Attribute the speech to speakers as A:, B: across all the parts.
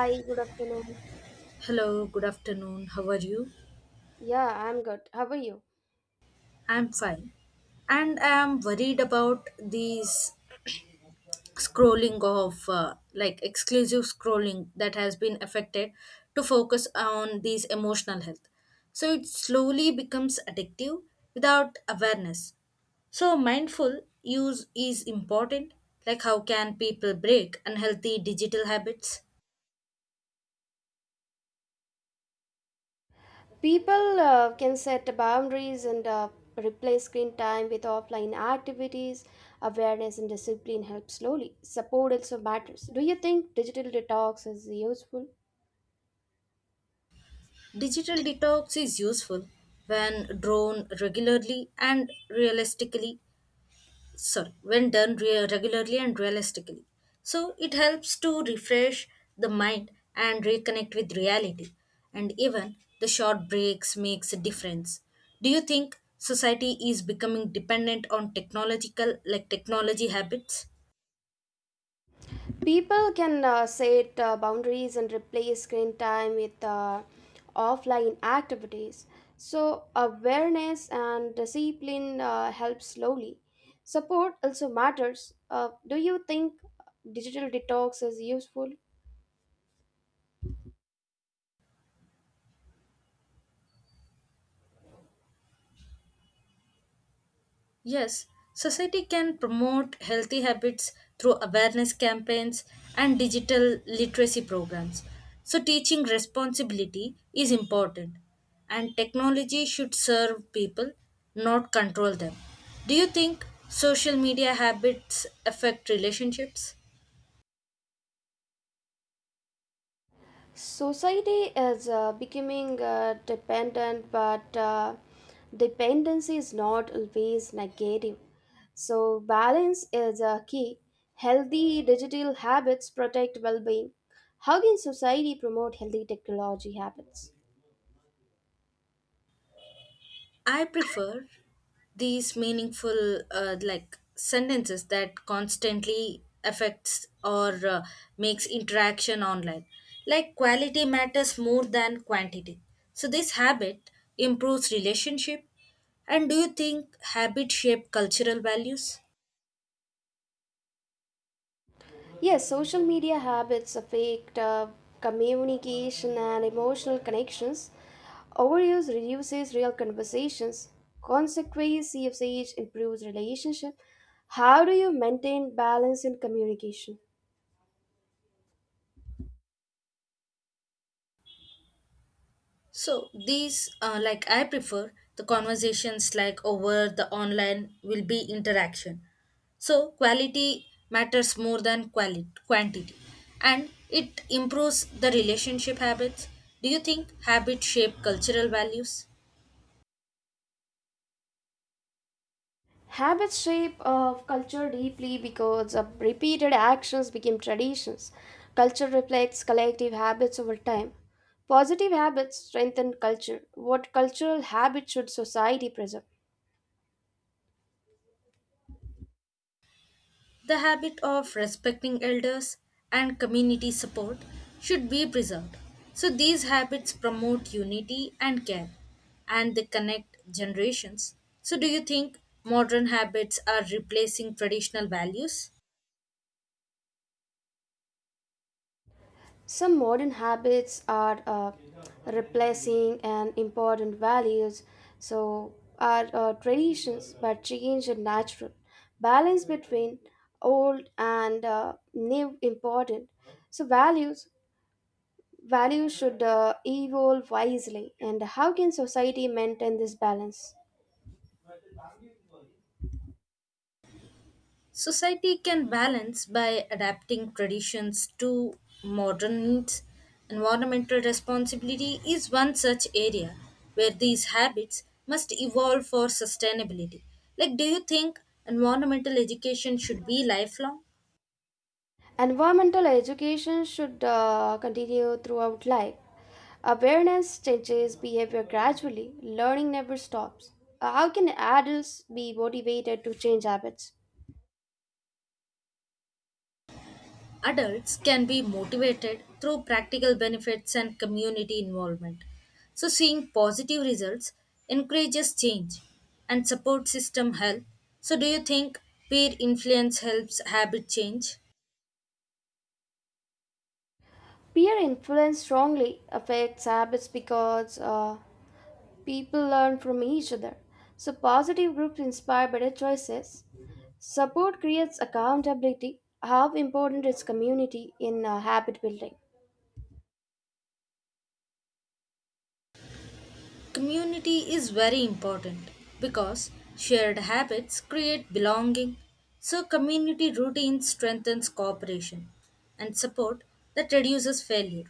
A: Hi, good afternoon.
B: Hello, good afternoon. How are you?
A: Yeah, I'm good. How are you?
B: I'm fine. And I'm worried about these scrolling of like exclusive scrolling that has been affected to focus on these emotional health. So it slowly becomes addictive without awareness. So mindful use is important. Like how can people break unhealthy digital habits?
A: People can set boundaries and replace screen time with offline activities. Awareness and discipline help slowly. Support also matters. Do you think digital detox is useful?
B: Digital detox is useful when drawn regularly and realistically, sorry, when done regularly and realistically, so it helps to refresh the mind and reconnect with reality, and even the short breaks makes a difference. Do you think society is becoming dependent on technological, like technology habits?
A: People can set boundaries and replace screen time with offline activities. So, awareness and discipline help slowly. Support also matters. Do you think uh, digital detox is useful?
B: Yes, society can promote healthy habits through awareness campaigns and digital literacy programs. So, teaching responsibility is important, and technology should serve people, not control them. Do you think social media habits affect relationships?
A: Society is becoming dependent, but dependency is not always negative. So, balance is a key. Healthy digital habits protect well being. How can society promote healthy technology habits?
B: I prefer these meaningful like sentences that constantly affects or makes interaction online. Like quality matters more than quantity. So this habit improves relationship. And do you think habit shape cultural values?
A: Yes, social media habits affect communication and emotional connections. Overuse reduces real conversations. Consequence usage improves relationship. How do you maintain balance in communication?
B: So these, like I prefer the conversations like over the online will be interaction. So quality matters more than quantity, and it improves the relationship habits. Do you think habits shape cultural values?
A: Habits shape culture deeply because repeated actions become traditions. Culture reflects collective habits over time. Positive habits strengthen culture. What cultural habits should society preserve?
B: The habit of respecting elders and community support should be preserved. So, these habits promote unity and care, and they connect generations. So, do you think modern habits are replacing traditional values?
A: Some modern habits are replacing an important values, so are traditions, but change is natural. Balance between old and new important. So values should evolve wisely. And how can society maintain this balance?
B: Society can balance by adapting traditions to modern needs. Environmental responsibility is one such area where these habits must evolve for sustainability. Like, do you think environmental education should be lifelong?
A: Environmental education should continue throughout life. Awareness changes behavior gradually, learning never stops. How can adults be motivated to change habits?
B: Adults can be motivated through practical benefits and community involvement. So, seeing positive results encourages change, and support system help. So, do you think peer influence helps habit change?
A: Peer influence strongly affects habits because people learn from each other. So, positive groups inspire better choices. Support creates accountability. How important is community in habit building?
B: Community is very important because shared habits create belonging. So, community routine strengthens cooperation and support that reduces failure.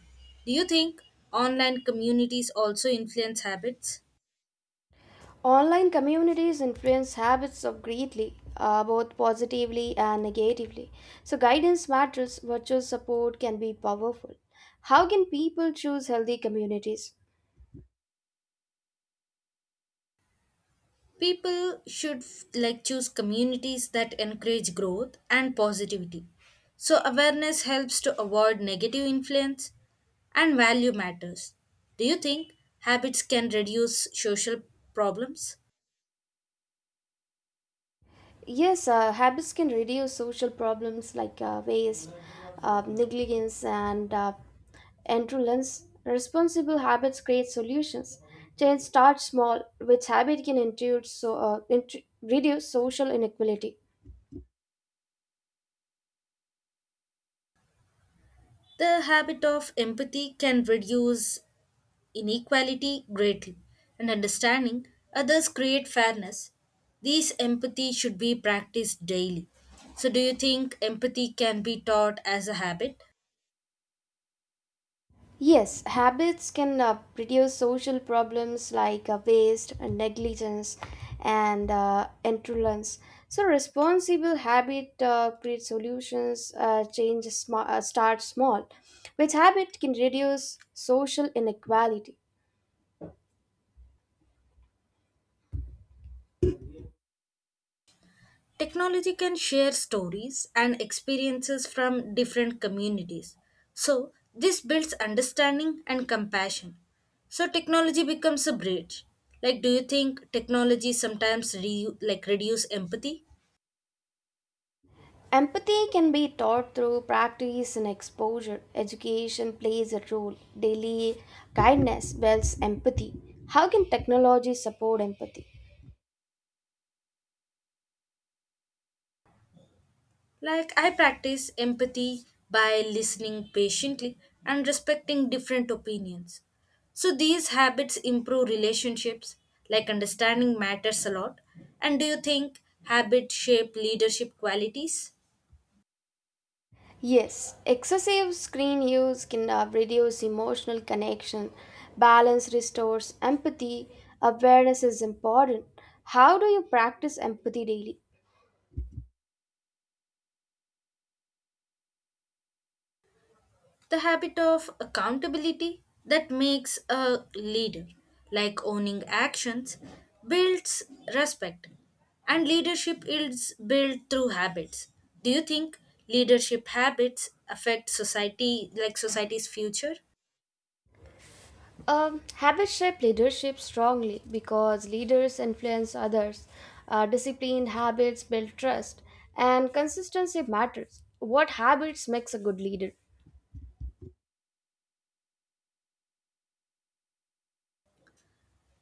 B: Do you think online communities also influence habits?
A: Online communities influence habits of greatly, both positively and negatively. So, guidance matters, virtual support can be powerful. How can people choose healthy communities?
B: People should like choose communities that encourage growth and positivity. So awareness helps to avoid negative influence, and value matters. Do you think habits can reduce social problems?
A: Yes, habits can reduce social problems like waste, negligence, and indolence. Responsible habits create solutions. Change starts small, which habit can intuit so, reduce social inequality.
B: The habit of empathy can reduce inequality greatly, and understanding others create fairness. These empathy should be practiced daily. So, do you think empathy can be taught as a habit?
A: Yes, habits can reduce social problems like waste and negligence and intolerance. So, responsible habit create solutions, change start small, which habit can reduce social inequality.
B: Technology can share stories and experiences from different communities. So, this builds understanding and compassion. So, technology becomes a bridge. Like, do you think technology sometimes like reduce empathy?
A: Empathy can be taught through practice and exposure. Education plays a role. Daily kindness builds empathy. How can technology support empathy?
B: Like, I practice empathy by listening patiently and respecting different opinions. So these habits improve relationships, like understanding matters a lot. And do you think habits shape leadership qualities?
A: Yes, excessive screen use can reduce emotional connection, balance restores empathy, awareness is important. How do you practice empathy daily?
B: The habit of accountability that makes a leader, like owning actions, builds respect, and leadership is built through habits. Do you think leadership habits affect society, like society's future?
A: Habits shape leadership strongly because leaders influence others. Disciplined habits build trust, and consistency matters. What habits makes a good leader?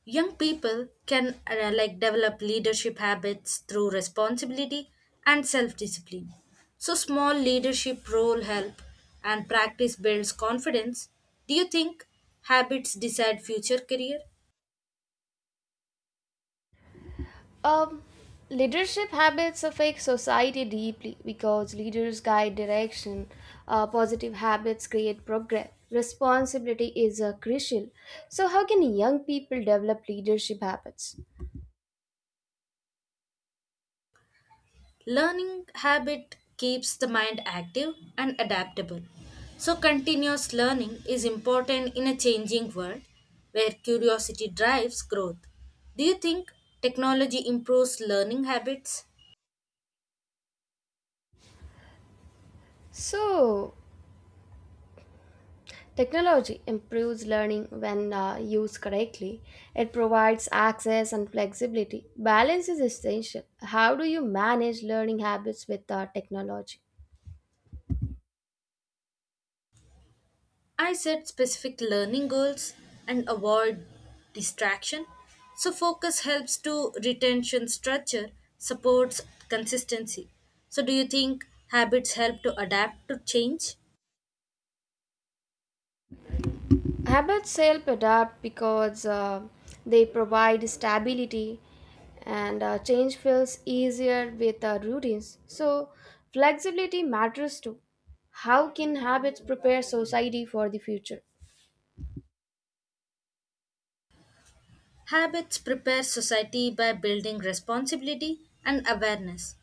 B: Young people can like develop leadership habits through responsibility and self-discipline. So small leadership role help, and practice builds confidence. Do you think habits decide future career?
A: Um, Leadership habits affect society deeply because leaders guide direction. Positive habits create progress. Responsibility is crucial. So, how can young people develop leadership habits?
B: Learning habit keeps the mind active and adaptable. So continuous learning is important in a changing world where curiosity drives growth. Do you think technology improves learning habits?
A: So, technology improves learning when used correctly. It provides access and flexibility. Balance is essential. How do you manage learning habits with technology?
B: I set specific learning goals and avoid distraction. So focus helps to retention structure, supports consistency. So do you think habits help to adapt to change?
A: Habits help adapt because they provide stability and change feels easier with routines. So, flexibility matters too. How can habits prepare society for the future?
B: Habits prepare society by building responsibility and awareness.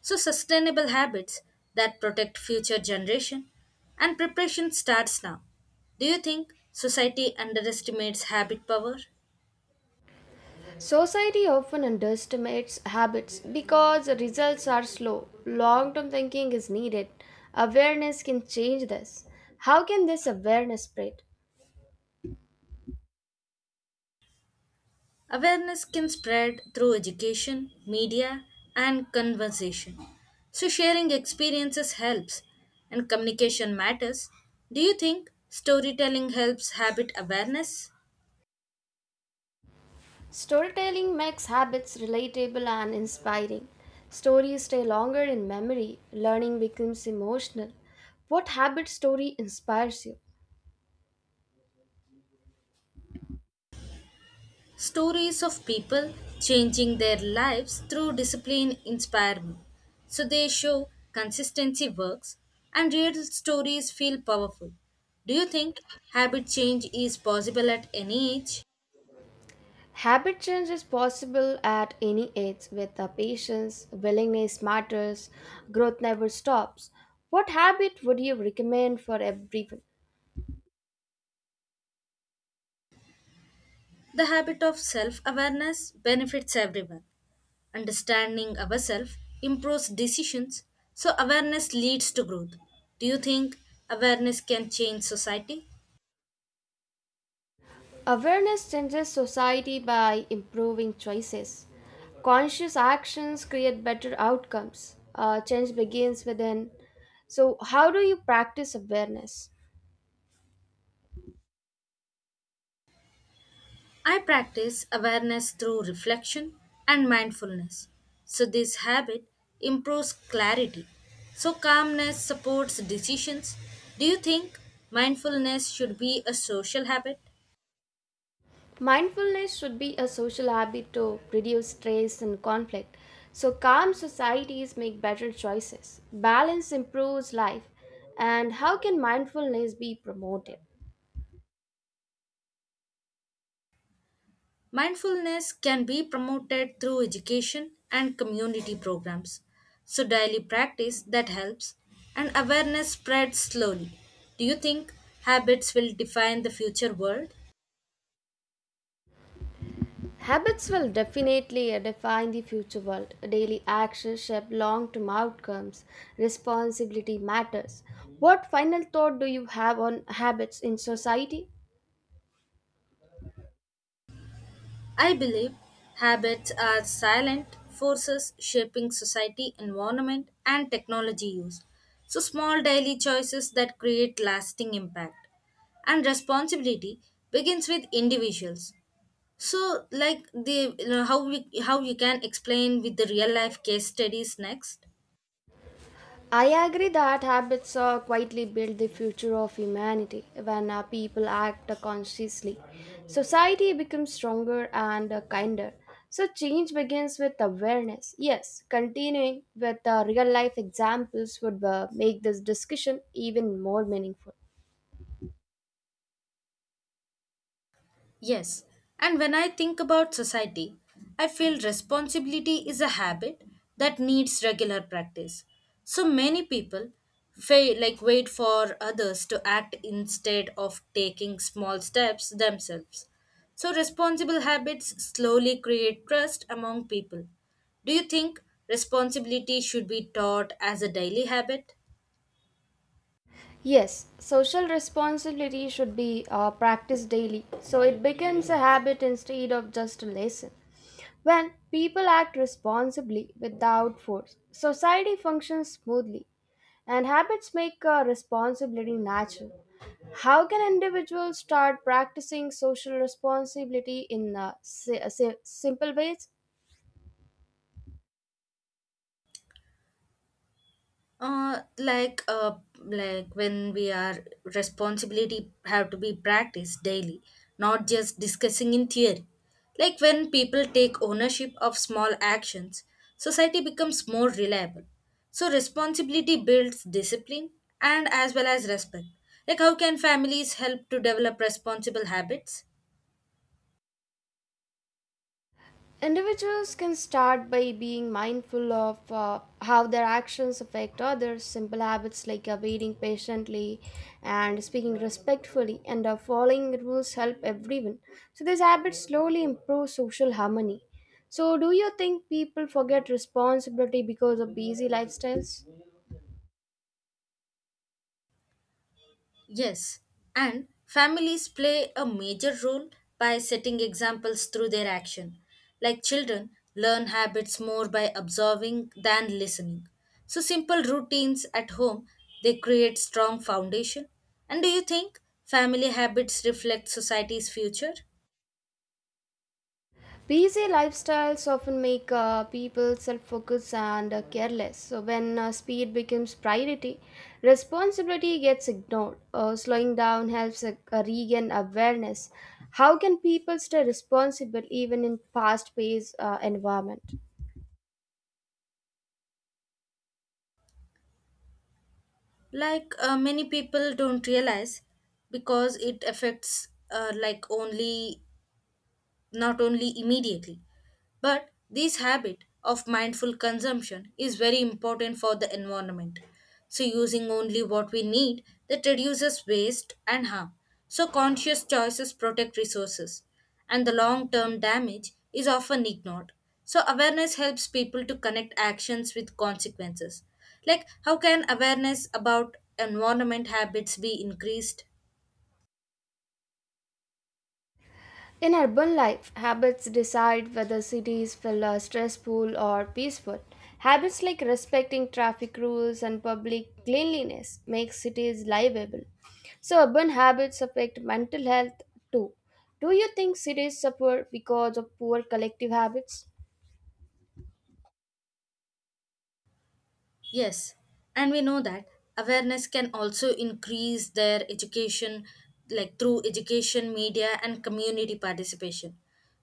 B: So sustainable habits that protect future generation, and preparation starts now. Do you think society underestimates habit power?
A: Society often underestimates habits because results are slow. Long term thinking is needed. Awareness can change this. How can this awareness spread?
B: Awareness can spread through education, media, and conversation. So, sharing experiences helps, and communication matters. Do you think storytelling helps habit awareness?
A: Storytelling makes habits relatable and inspiring. Stories stay longer in memory, learning becomes emotional. What habit story inspires you?
B: Stories of people changing their lives through discipline inspire me. So, they show consistency works, and real stories feel powerful. Do you think habit change is possible at any age?
A: Habit change is possible at any age with the patience, willingness matters, growth never stops. What habit would you recommend for everyone?
B: The habit of self awareness benefits everyone. Understanding ourselves improves decisions, so awareness leads to growth. Do you think awareness can change society?
A: Awareness changes society by improving choices. Conscious actions create better outcomes. Change begins within. So, how do you practice awareness?
B: I practice awareness through reflection and mindfulness. So, this habit improves clarity. So, calmness supports decisions. Do you think mindfulness should be a social habit?
A: Mindfulness should be a social habit to reduce stress and conflict. So, calm societies make better choices. Balance improves life. And how can mindfulness be promoted?
B: Mindfulness can be promoted through education and community programs. So, daily practice that helps, and awareness spreads slowly. Do you think habits will define the future world?
A: Habits will definitely define the future world. Daily actions shape long term outcomes. Responsibility matters. What final thought do you have on habits in society?
B: I believe habits are silent forces shaping society, environment, and technology use. So, small daily choices that create lasting impact, and responsibility begins with individuals. So, like how we how you can explain with the real life case studies next?
A: I agree that habits quietly build the future of humanity. When people act consciously, society becomes stronger and kinder. So, change begins with awareness. Yes, continuing with real life examples would make this discussion even more meaningful.
B: Yes, and when I think about society, I feel responsibility is a habit that needs regular practice. So many people fail, like wait for others to act instead of taking small steps themselves. So responsible habits slowly create trust among people. Do you think responsibility should be taught as a daily habit?
A: Yes, social responsibility should be practiced daily so it becomes a habit instead of just a lesson. When people act responsibly without force, society functions smoothly and habits make responsibility natural. How can individuals start practicing social responsibility in simple ways?
B: Like when we are responsibility have to be practiced daily, not just discussing in theory. Like when people take ownership of small actions, society becomes more reliable. So responsibility builds discipline and as well as respect. Like how can families help to develop responsible habits?
A: Individuals can start by being mindful of how their actions affect others. Simple habits like waiting patiently and speaking respectfully and following rules help everyone. So, these habits slowly improve social harmony. So, do you think people forget responsibility because of busy lifestyles?
B: Yes, and families play a major role by setting examples through their action. Like children learn habits more by observing than listening. So simple routines at home, they create strong foundation. And do you think family habits reflect society's future?
A: Busy lifestyles often make people self-focused and careless. So when speed becomes priority, responsibility gets ignored. Slowing down helps regain awareness. How can people stay responsible even in fast-paced environment?
B: Like many people don't realize because it affects like only not only immediately. But this habit of mindful consumption is very important for the environment. So, using only what we need that reduces waste and harm. So, conscious choices protect resources, and the long term damage is often ignored. So, awareness helps people to connect actions with consequences. Like, how can awareness about environment habits be increased?
A: In urban life, habits decide whether cities feel stressful or peaceful. Habits like respecting traffic rules and public cleanliness make cities livable. So, urban habits affect mental health too. Do you think cities suffer because of poor collective habits?
B: Yes, and we know that awareness can also increase their education, like through education, media, and community participation.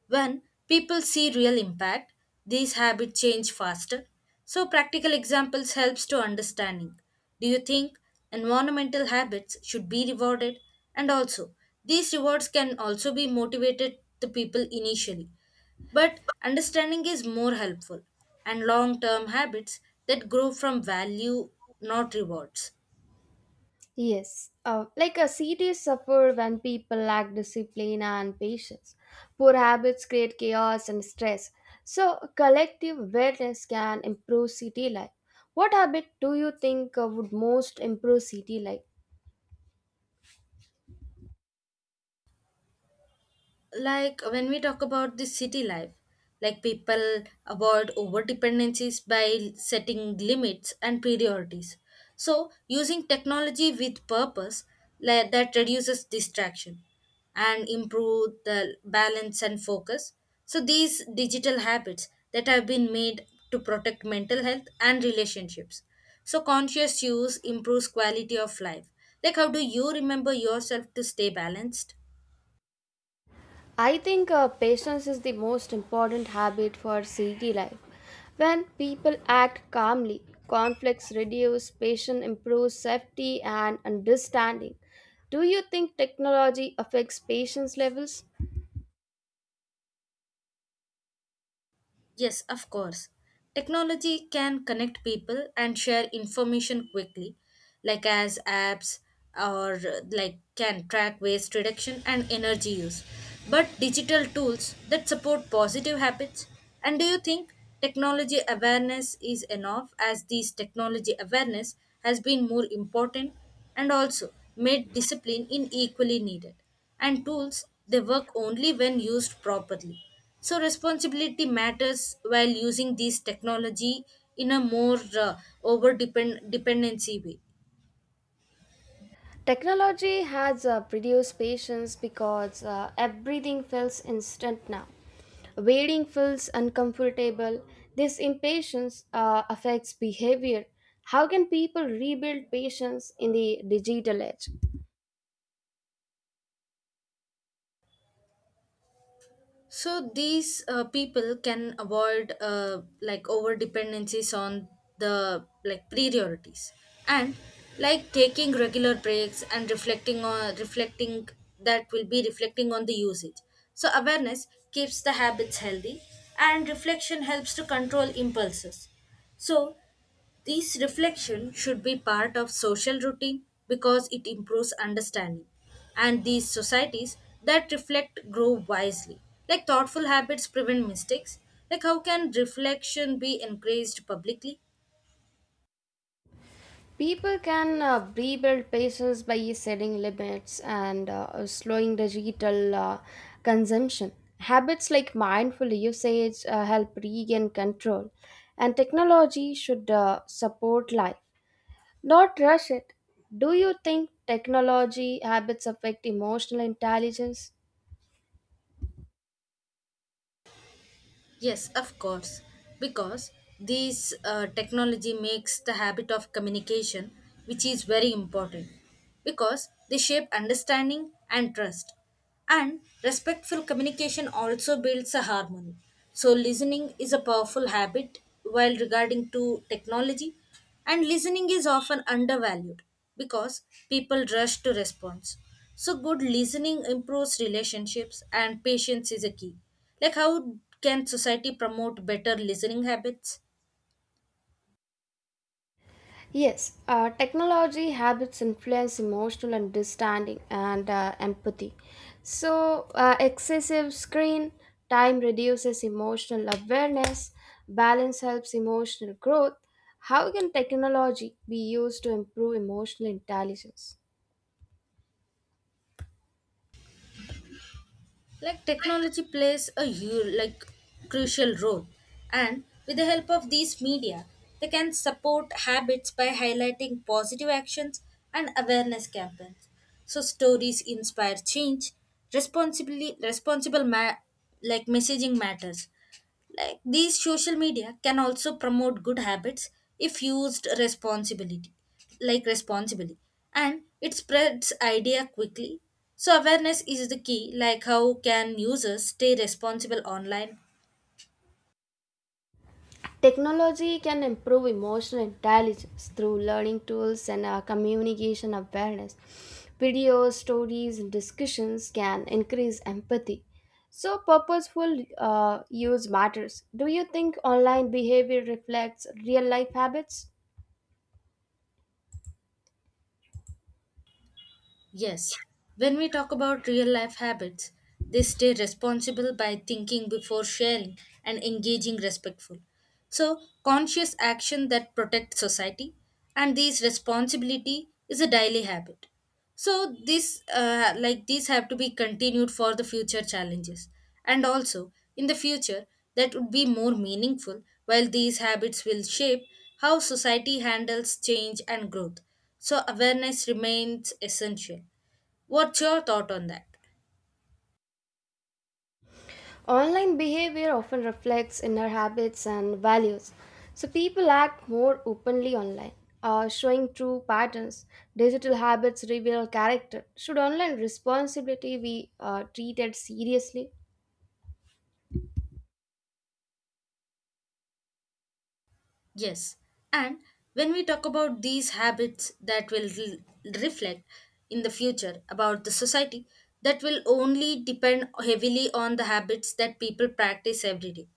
B: When people see real impact, these habits change faster. So practical examples helps to understanding. Do you think environmental habits should be rewarded? And also, these rewards can also be motivated the people initially. But understanding is more helpful, and long term habits that grow from value, not rewards.
A: Yes, like a city suffer when people lack discipline and patience. Poor habits create chaos and stress. So, collective awareness can improve city life. What habit do you think would most improve city life?
B: Like when we talk about the city life, like people avoid over dependencies by setting limits and priorities, so using technology with purpose, like, that reduces distraction and improve the balance and focus, so these digital habits that have been made to protect mental health and relationships, so conscious use improves quality of life. Like how do you remember yourself to stay balanced?
A: I think patience is the most important habit for city life. When people act calmly, conflicts reduce, patience improves safety and understanding. Do you think technology affects patience levels?
B: Yes, of course. Technology can connect people and share information quickly, like as apps or like can track waste reduction and energy use. But digital tools that support positive habits. And do you think technology awareness is enough, as this technology awareness has been more important, and also made discipline in equally needed? And tools, they work only when used properly. So responsibility matters while using these technology in a more over dependency way.
A: Technology has reduced patience because everything feels instant now. Waiting feels uncomfortable. This impatience affects behavior. How can people rebuild patience in the digital age?
B: So these, people can avoid like over dependencies on the like priorities, and like taking regular breaks and reflecting, that will be reflecting on the usage. So awareness keeps the habits healthy, and reflection helps to control impulses. So this reflection should be part of social routine because it improves understanding. And these societies that reflect grow wisely. Like thoughtful habits prevent mistakes. Like how can reflection be encouraged publicly?
A: People can rebuild patience by setting limits and slowing digital consumption. Habits like mindful usage help regain control, and technology should support life, not rush it. Do you think technology habits affect emotional intelligence?
B: Yes, of course, because this technology makes the habit of communication, which is very important, because they shape understanding and trust. And respectful communication also builds a harmony. So listening is a powerful habit while regarding to technology, and listening is often undervalued because people rush to response. So good listening improves relationships, and patience is a key. Like how can society promote better listening habits?
A: Yes, technology habits influence emotional understanding and empathy. So, excessive screen time reduces emotional awareness, balance helps emotional growth. How can technology be used to improve emotional intelligence?
B: Like technology plays a huge, like crucial role, and with the help of these media they can support habits by highlighting positive actions and awareness campaigns, so stories inspire change. Responsibly, like messaging matters. Like these social media can also promote good habits if used like responsibly, and it spreads idea quickly. So awareness is the key. Like how can users stay responsible online?
A: Technology can improve emotional intelligence through learning tools and communication awareness. Videos, stories, and discussions can increase empathy. So, purposeful use matters. Do you think online behavior reflects real life habits?
B: Yes, when we talk about real life habits, they stay responsible by thinking before sharing and engaging respectful. So, conscious action that protects society, and these responsibility is a daily habit. So, this like these have to be continued for the future challenges, and also in the future that would be more meaningful, while these habits will shape how society handles change and growth, so awareness remains essential. What's your thought on that?
A: Online behavior often reflects inner habits and values. So people act more openly online, showing true patterns. Digital habits reveal character. Should online responsibility be treated seriously?
B: Yes. And when we talk about these habits that will reflect in the future about the society, that will only depend heavily on the habits that people practice every day.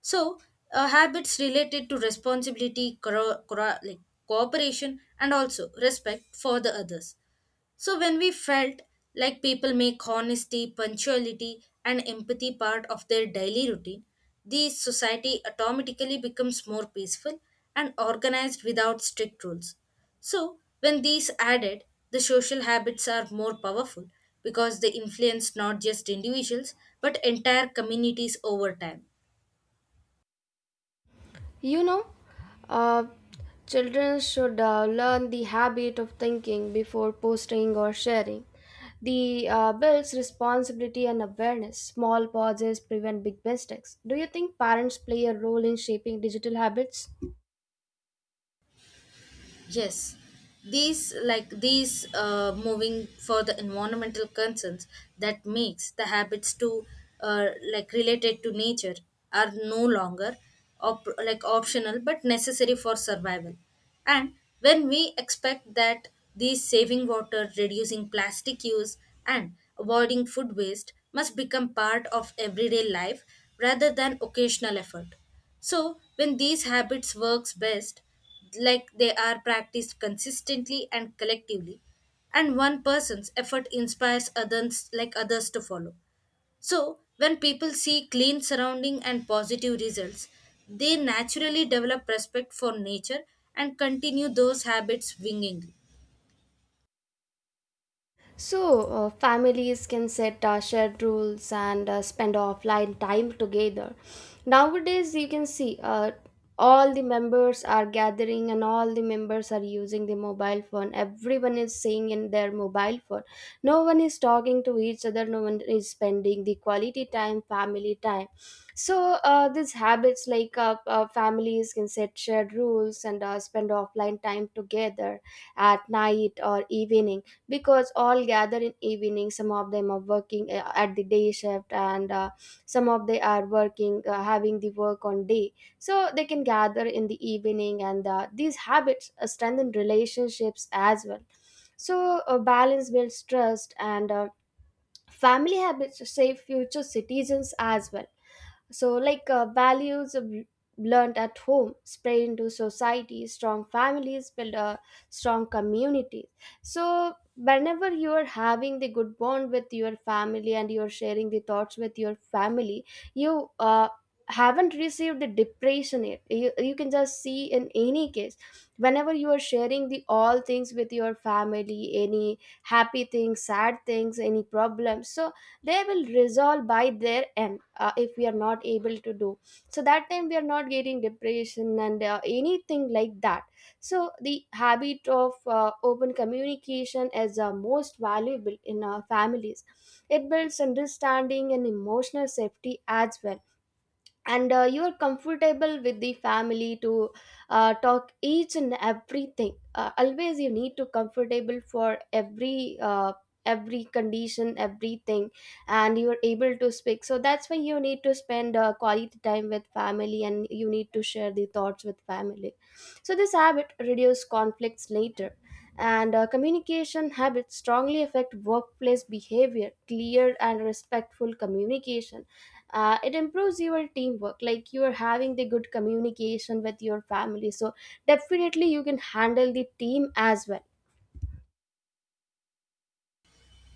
B: So, habits related to responsibility, like cooperation, and also respect for the others. So when we felt like people make honesty, punctuality, and empathy part of their daily routine, the society automatically becomes more peaceful and organized without strict rules. So when these added, the social habits are more powerful because they influence not just individuals but entire communities over time.
A: You know, uh, children should learn the habit of thinking before posting or sharing. The builds responsibility and awareness. Small pauses prevent big mistakes. Do you think parents play a role in shaping digital habits?
B: Yes, these moving for the environmental concerns that makes the habits to uh, like related to nature are no longer like optional but necessary for survival. And when we expect that these saving water, reducing plastic use, and avoiding food waste must become part of everyday life rather than occasional effort, so, when these habits works best, like they are practiced consistently and collectively, and one person's effort inspires others to follow. So, when people see clean surrounding and positive results, they naturally develop respect for nature and continue those habits willingly.
A: So, families can set shared rules and spend offline time together. Nowadays, you can see all the members are gathering and all the members are using the mobile phone. Everyone is saying in their mobile phone. No one is talking to each other, no one is spending the quality time, family time. So, these habits, families can set shared rules and spend offline time together at night or evening, because all gather in evening, some of them are working at the day shift and some of they are working having the work on day. So they can gather in the evening, and these habits strengthen relationships as well. So balance builds trust, and family habits shape future citizens as well. So, like learned at home spread into society, strong families build a strong community. So, whenever you are having the good bond with your family and you are sharing the thoughts with your family, you haven't received the depression yet. You can just see in any case, whenever you are sharing the all things with your family, any happy things, sad things, any problems. So, they will resolve by their end. If we are not able to do so, that time we are not getting depression and anything like that. So the habit of open communication is most valuable in our families. It builds understanding and emotional safety as well, and you're comfortable with the family to talk each and everything. Always you need to comfortable for every condition, everything, and you're able to speak. So that's why you need to spend quality time with family and you need to share the thoughts with family. So this habit reduce conflicts later, and communication habits strongly affect workplace behavior. Clear and respectful communication, it improves your teamwork. Like you are having the good communication with your family, so definitely you can handle the team as well.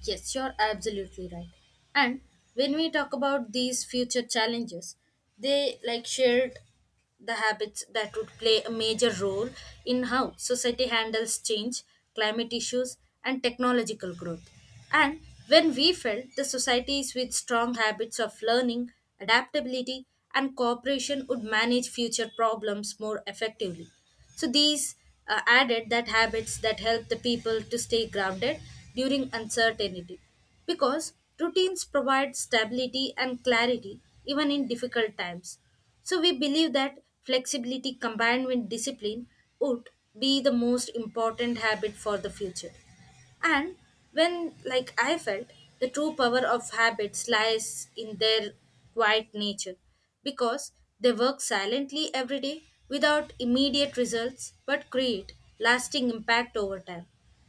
B: Yes, you're absolutely right. And when we talk about these future challenges, they like shared the habits that would play a major role in how society handles change, climate issues, and technological growth. And when we felt the societies with strong habits of learning, adaptability, and cooperation would manage future problems more effectively. So these, added that habits that help the people to stay grounded during uncertainty because routines provide stability and clarity even in difficult times. So we believe that flexibility combined with discipline would be the most important habit for the future. And when, like I felt, the true power of habits lies in their quiet nature because they work silently every day without immediate results but create lasting impact over time.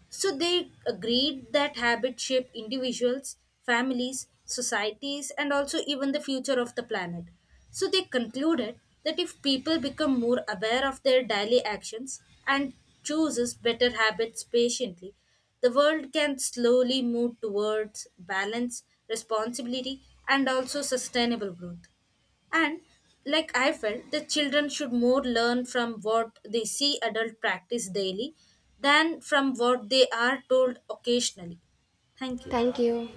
B: So they agreed that habits shape individuals, families, societies, and also even the future of the planet. So they concluded that if people become more aware of their daily actions and chooses better habits patiently, the world can slowly move towards balance, responsibility, and also sustainable growth. And like I felt, the children should more learn from what they see adult practice daily than from what they are told occasionally. Thank you.
A: Thank you.